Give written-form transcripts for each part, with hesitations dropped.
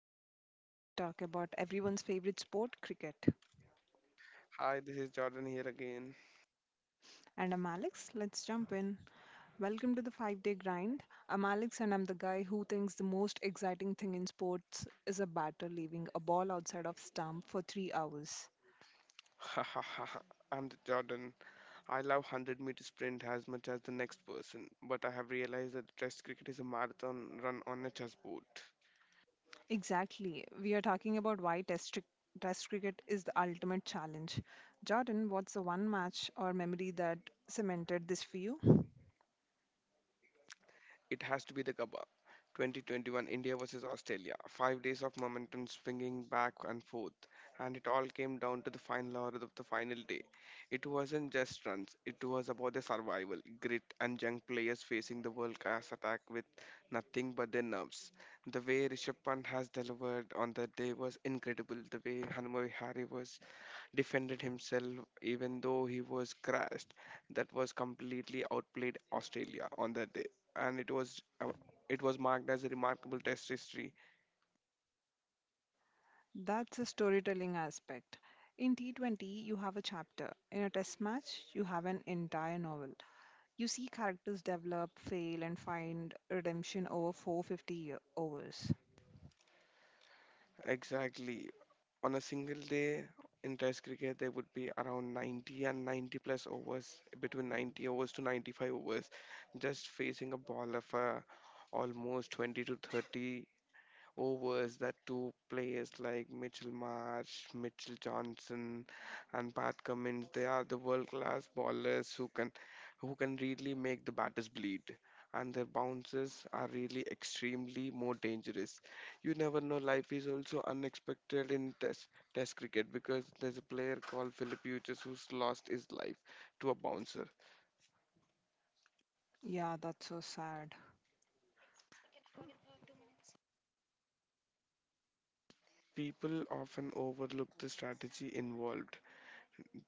tonight, the show where we talk about everyone's favorite sport, cricket. Hi, this is Jordan here again. And I'm Alex, let's jump in. Welcome to the 5 day grind. I'm Alex, and I'm the guy who thinks the most exciting thing in sports is a batter leaving a ball outside of stump for 3 hours. I'm the Jordan. I love 100-meter sprint as much as the next person, but I have realized that Test cricket is a marathon run on a chessboard. Exactly. We are talking about test cricket is the ultimate challenge. Jordan, what's the one match or memory that cemented this for you? It has to be the Gabba. 2021, India versus Australia. 5 days of momentum swinging back and forth, and it all came down to the final hour of the final day. It wasn't just runs, it was about the survival, grit, and young players facing the world class attack with nothing but their nerves. The way Rishabh Pant has delivered on that day was incredible. The way Hanuman Vihari was defended himself even though he was crashed. That was completely outplayed Australia on that day, and it was marked as a remarkable Test history. That's a storytelling aspect. In T20, you have a chapter. In a test match, you have an entire novel. You see characters develop, fail, and find redemption over overs. Exactly, on a single day in Test cricket, there would be around 90 and 90 plus overs, between 90 overs to 95 overs, just facing a ball of almost 20 to 30 overs that two players like Mitchell Marsh, Mitchell Johnson, and Pat Cummins. They are the world-class bowlers who can really make the batters bleed. And their bounces are really extremely more dangerous. You never know. Life is also unexpected in Test cricket because there's a player called Philip Uchis who's lost his life to a bouncer. Yeah, that's so sad. People often overlook the strategy involved.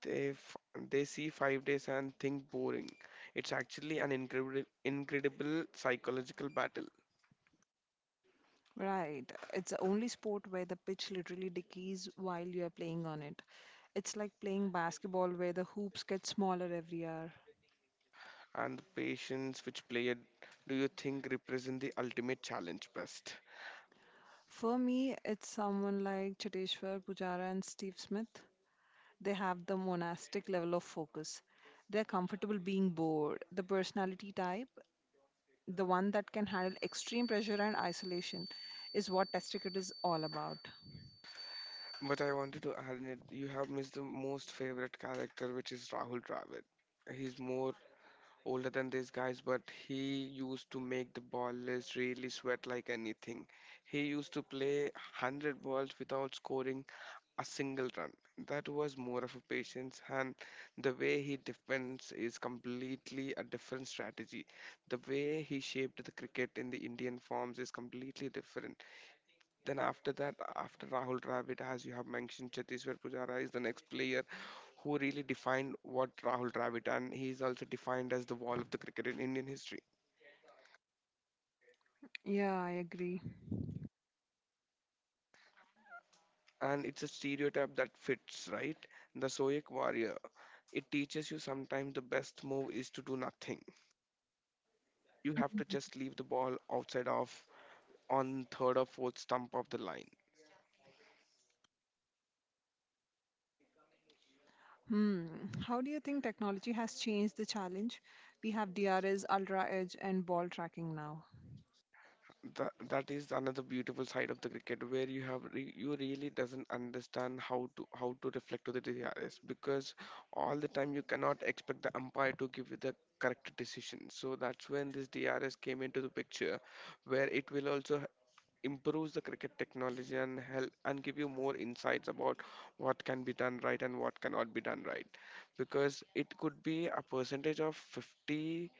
They f- they see 5 days and think boring. It's actually an incredible psychological battle, Right. It's the only sport where the pitch literally decays while you are playing on it. It's like playing basketball where the hoops get smaller every hour. and the patience, which player do you think represent the ultimate challenge best? For me, it's someone like Cheteshwar Pujara and Steve Smith. They have the monastic level of focus. They're comfortable being bored. The personality type, the one that can handle extreme pressure and isolation, is what Test Cricket is all about. But I wanted to add that you have missed the most favorite character, which is Rahul Dravid. He's more older than these guys, but he used to make the ballers really sweat like anything. He used to play 100 balls without scoring a single run. That was more of a patience, and the way he defends is completely a different strategy. The way he shaped the cricket in the Indian forms is completely different. Then after that, after Rahul Dravid, as you have mentioned, Cheteshwar Pujara is the next player who really defined what Rahul Dravid, and he is also defined as the wall of the cricket in Indian history. Yeah, I agree. And it's a stereotype that fits, right? The Soyek warrior. It teaches you sometimes the best move is to do nothing. You have to just leave the ball outside of, on third or fourth stump of the line. Hmm. How do you think technology has changed the challenge? We have DRS, Ultra Edge, and ball tracking now. That is another beautiful side of the cricket where you really doesn't understand how to reflect to the DRS, because all the time you cannot expect the umpire to give you the correct decision. So that's when this DRS came into the picture, where it will also improves the cricket technology and help and give you more insights about what can be done right and what cannot be done right, because it could be a percentage of 50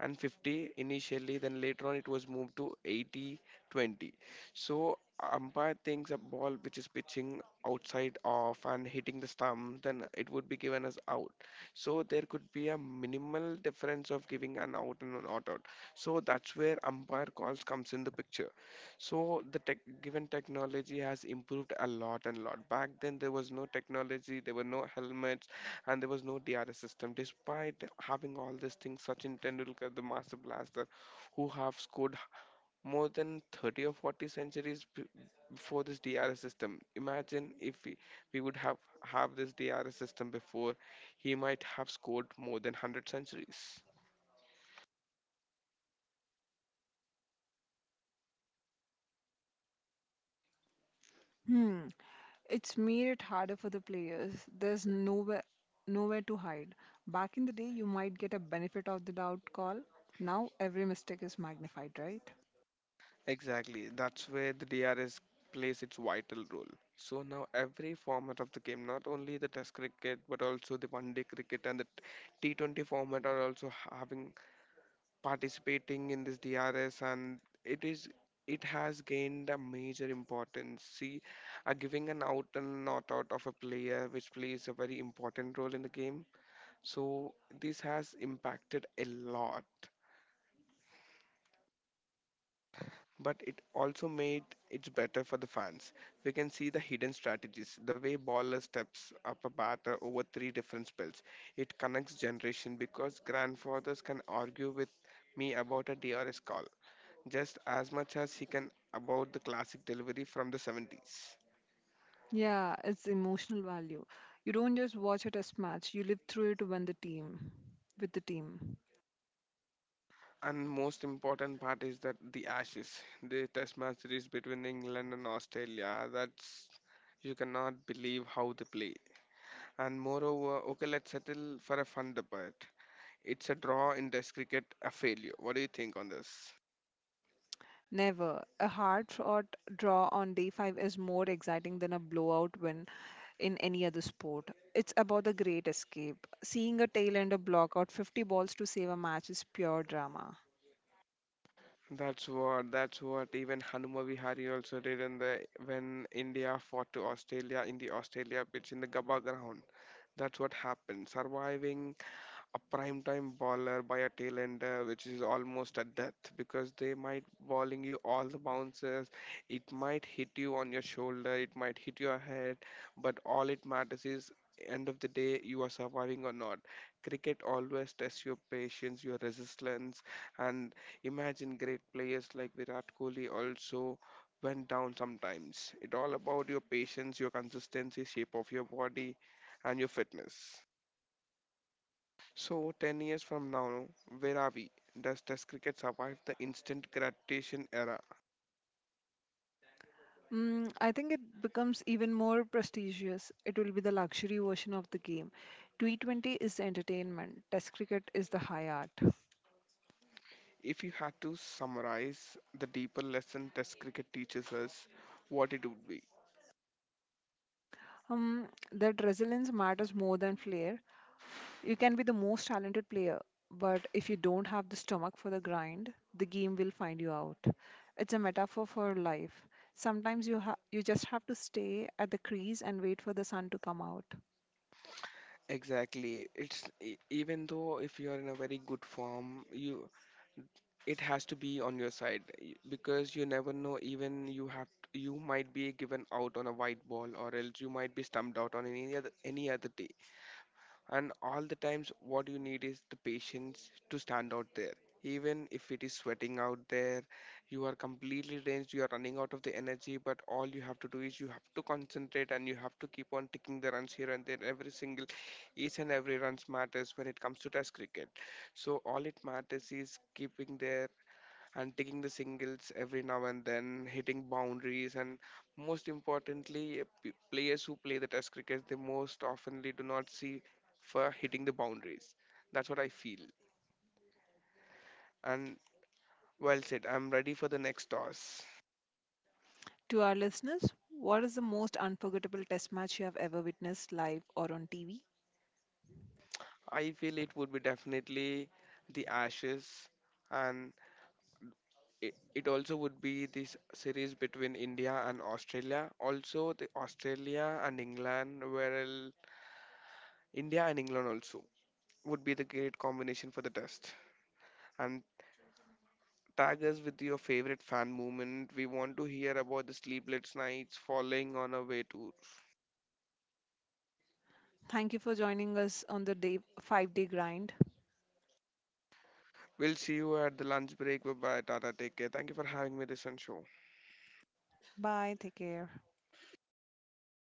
and 50 initially, then later on it was moved to 80, 20. So umpire thinks a ball which is pitching outside off and hitting the stump, then it would be given as out. So there could be a minimal difference of giving an out and an out out. So that's where umpire calls comes in the picture. So the given technology has improved a lot and lot. Back then there was no technology, there were no helmets, and there was no DRS system. Despite having all these things, Sachin Tendulkar, the master blaster, who have scored more than 30 or 40 centuries before this DRS system. Imagine if we would have this DRS system before, he might have scored more than 100 centuries. Hmm. It's made it harder for the players. There's nowhere to hide. Back in the day, you might get a benefit of the doubt call. Now every mistake is magnified, right? Exactly, that's where the DRS plays its vital role. So now every format of the game, not only the Test cricket but also the one-day cricket and the T20 format, are also having participating in this DRS, and it is it has gained a major importance. See, are giving an out and not out of a player which plays a very important role in the game. So this has impacted a lot. But it also made it better for the fans. We can see the hidden strategies, the way baller steps up a batter over three different spells. It connects generation because grandfathers can argue with me about a DRS call just as much as he can about the classic delivery from the 70s. Yeah, it's emotional value. You don't just watch a test match, you live through it when the team with the team. And most important part is that the Ashes, the Test match series between England and Australia. That's, you cannot believe how they play. And moreover, okay, let's settle for a fun debate. It's a draw in Test cricket, a failure. What do you think on this? Never. A hard fought draw on day five is more exciting than a blowout win in any other sport. It's about the great escape. Seeing a tail end of block out 50 balls to save a match is pure drama. That's what even Hanuma Vihari also did in the when India fought to Australia in the Australia pitch in the Gabba ground. That's what happened. Surviving a prime time bowler by a tail ender, which is almost a death because they might bowling you all the bounces. It might hit you on your shoulder, it might hit your head, but all it matters is end of the day you are surviving or not. Cricket always tests your patience, your resistance, and imagine great players like Virat Kohli also went down sometimes. It all about your patience, your consistency, shape of your body, and your fitness. So, 10 years from now, where are we? Does Test cricket survive the instant gratification era? Mm, I think it becomes even more prestigious. It will be the luxury version of the game. T20 is the entertainment, Test cricket is the high art. If you had to summarize the deeper lesson Test cricket teaches us, what it would be? Um, that resilience matters more than flair. You can be the most talented player, but if you don't have the stomach for the grind, the game will find you out. It's a metaphor for life. Sometimes you just have to stay at the crease and wait for the sun to come out. Exactly. Even though if you're in a very good form, you it has to be on your side, because you never know. Even you might be given out on a white ball, or else you might be stumped out on any other day. And all the times, what you need is the patience to stand out there. Even if it is sweating out there, you are completely drenched, you are running out of the energy, but all you have to do is you have to concentrate and you have to keep on taking the runs here and there. Each and every runs matters when it comes to test cricket. So all it matters is keeping there and taking the singles every now and then, hitting boundaries, and most importantly, players who play the test cricket they most oftenly do not see for hitting the boundaries. That's what I feel. And well said. I'm ready for the next toss. To our listeners, what is the most unforgettable test match you have ever witnessed live or on TV? I feel it would be definitely the Ashes, and it also would be this series between India and Australia. Also, the Australia and England, where India and England also would be the great combination for the test. And tag us with your favorite fan moment. We want to hear about the sleepless nights, falling on a way tour. Thank you for joining us on the day 5-day grind. We'll see you at the lunch break. Bye bye, Tata. Take care. Thank you for having me this on show. Bye, take care.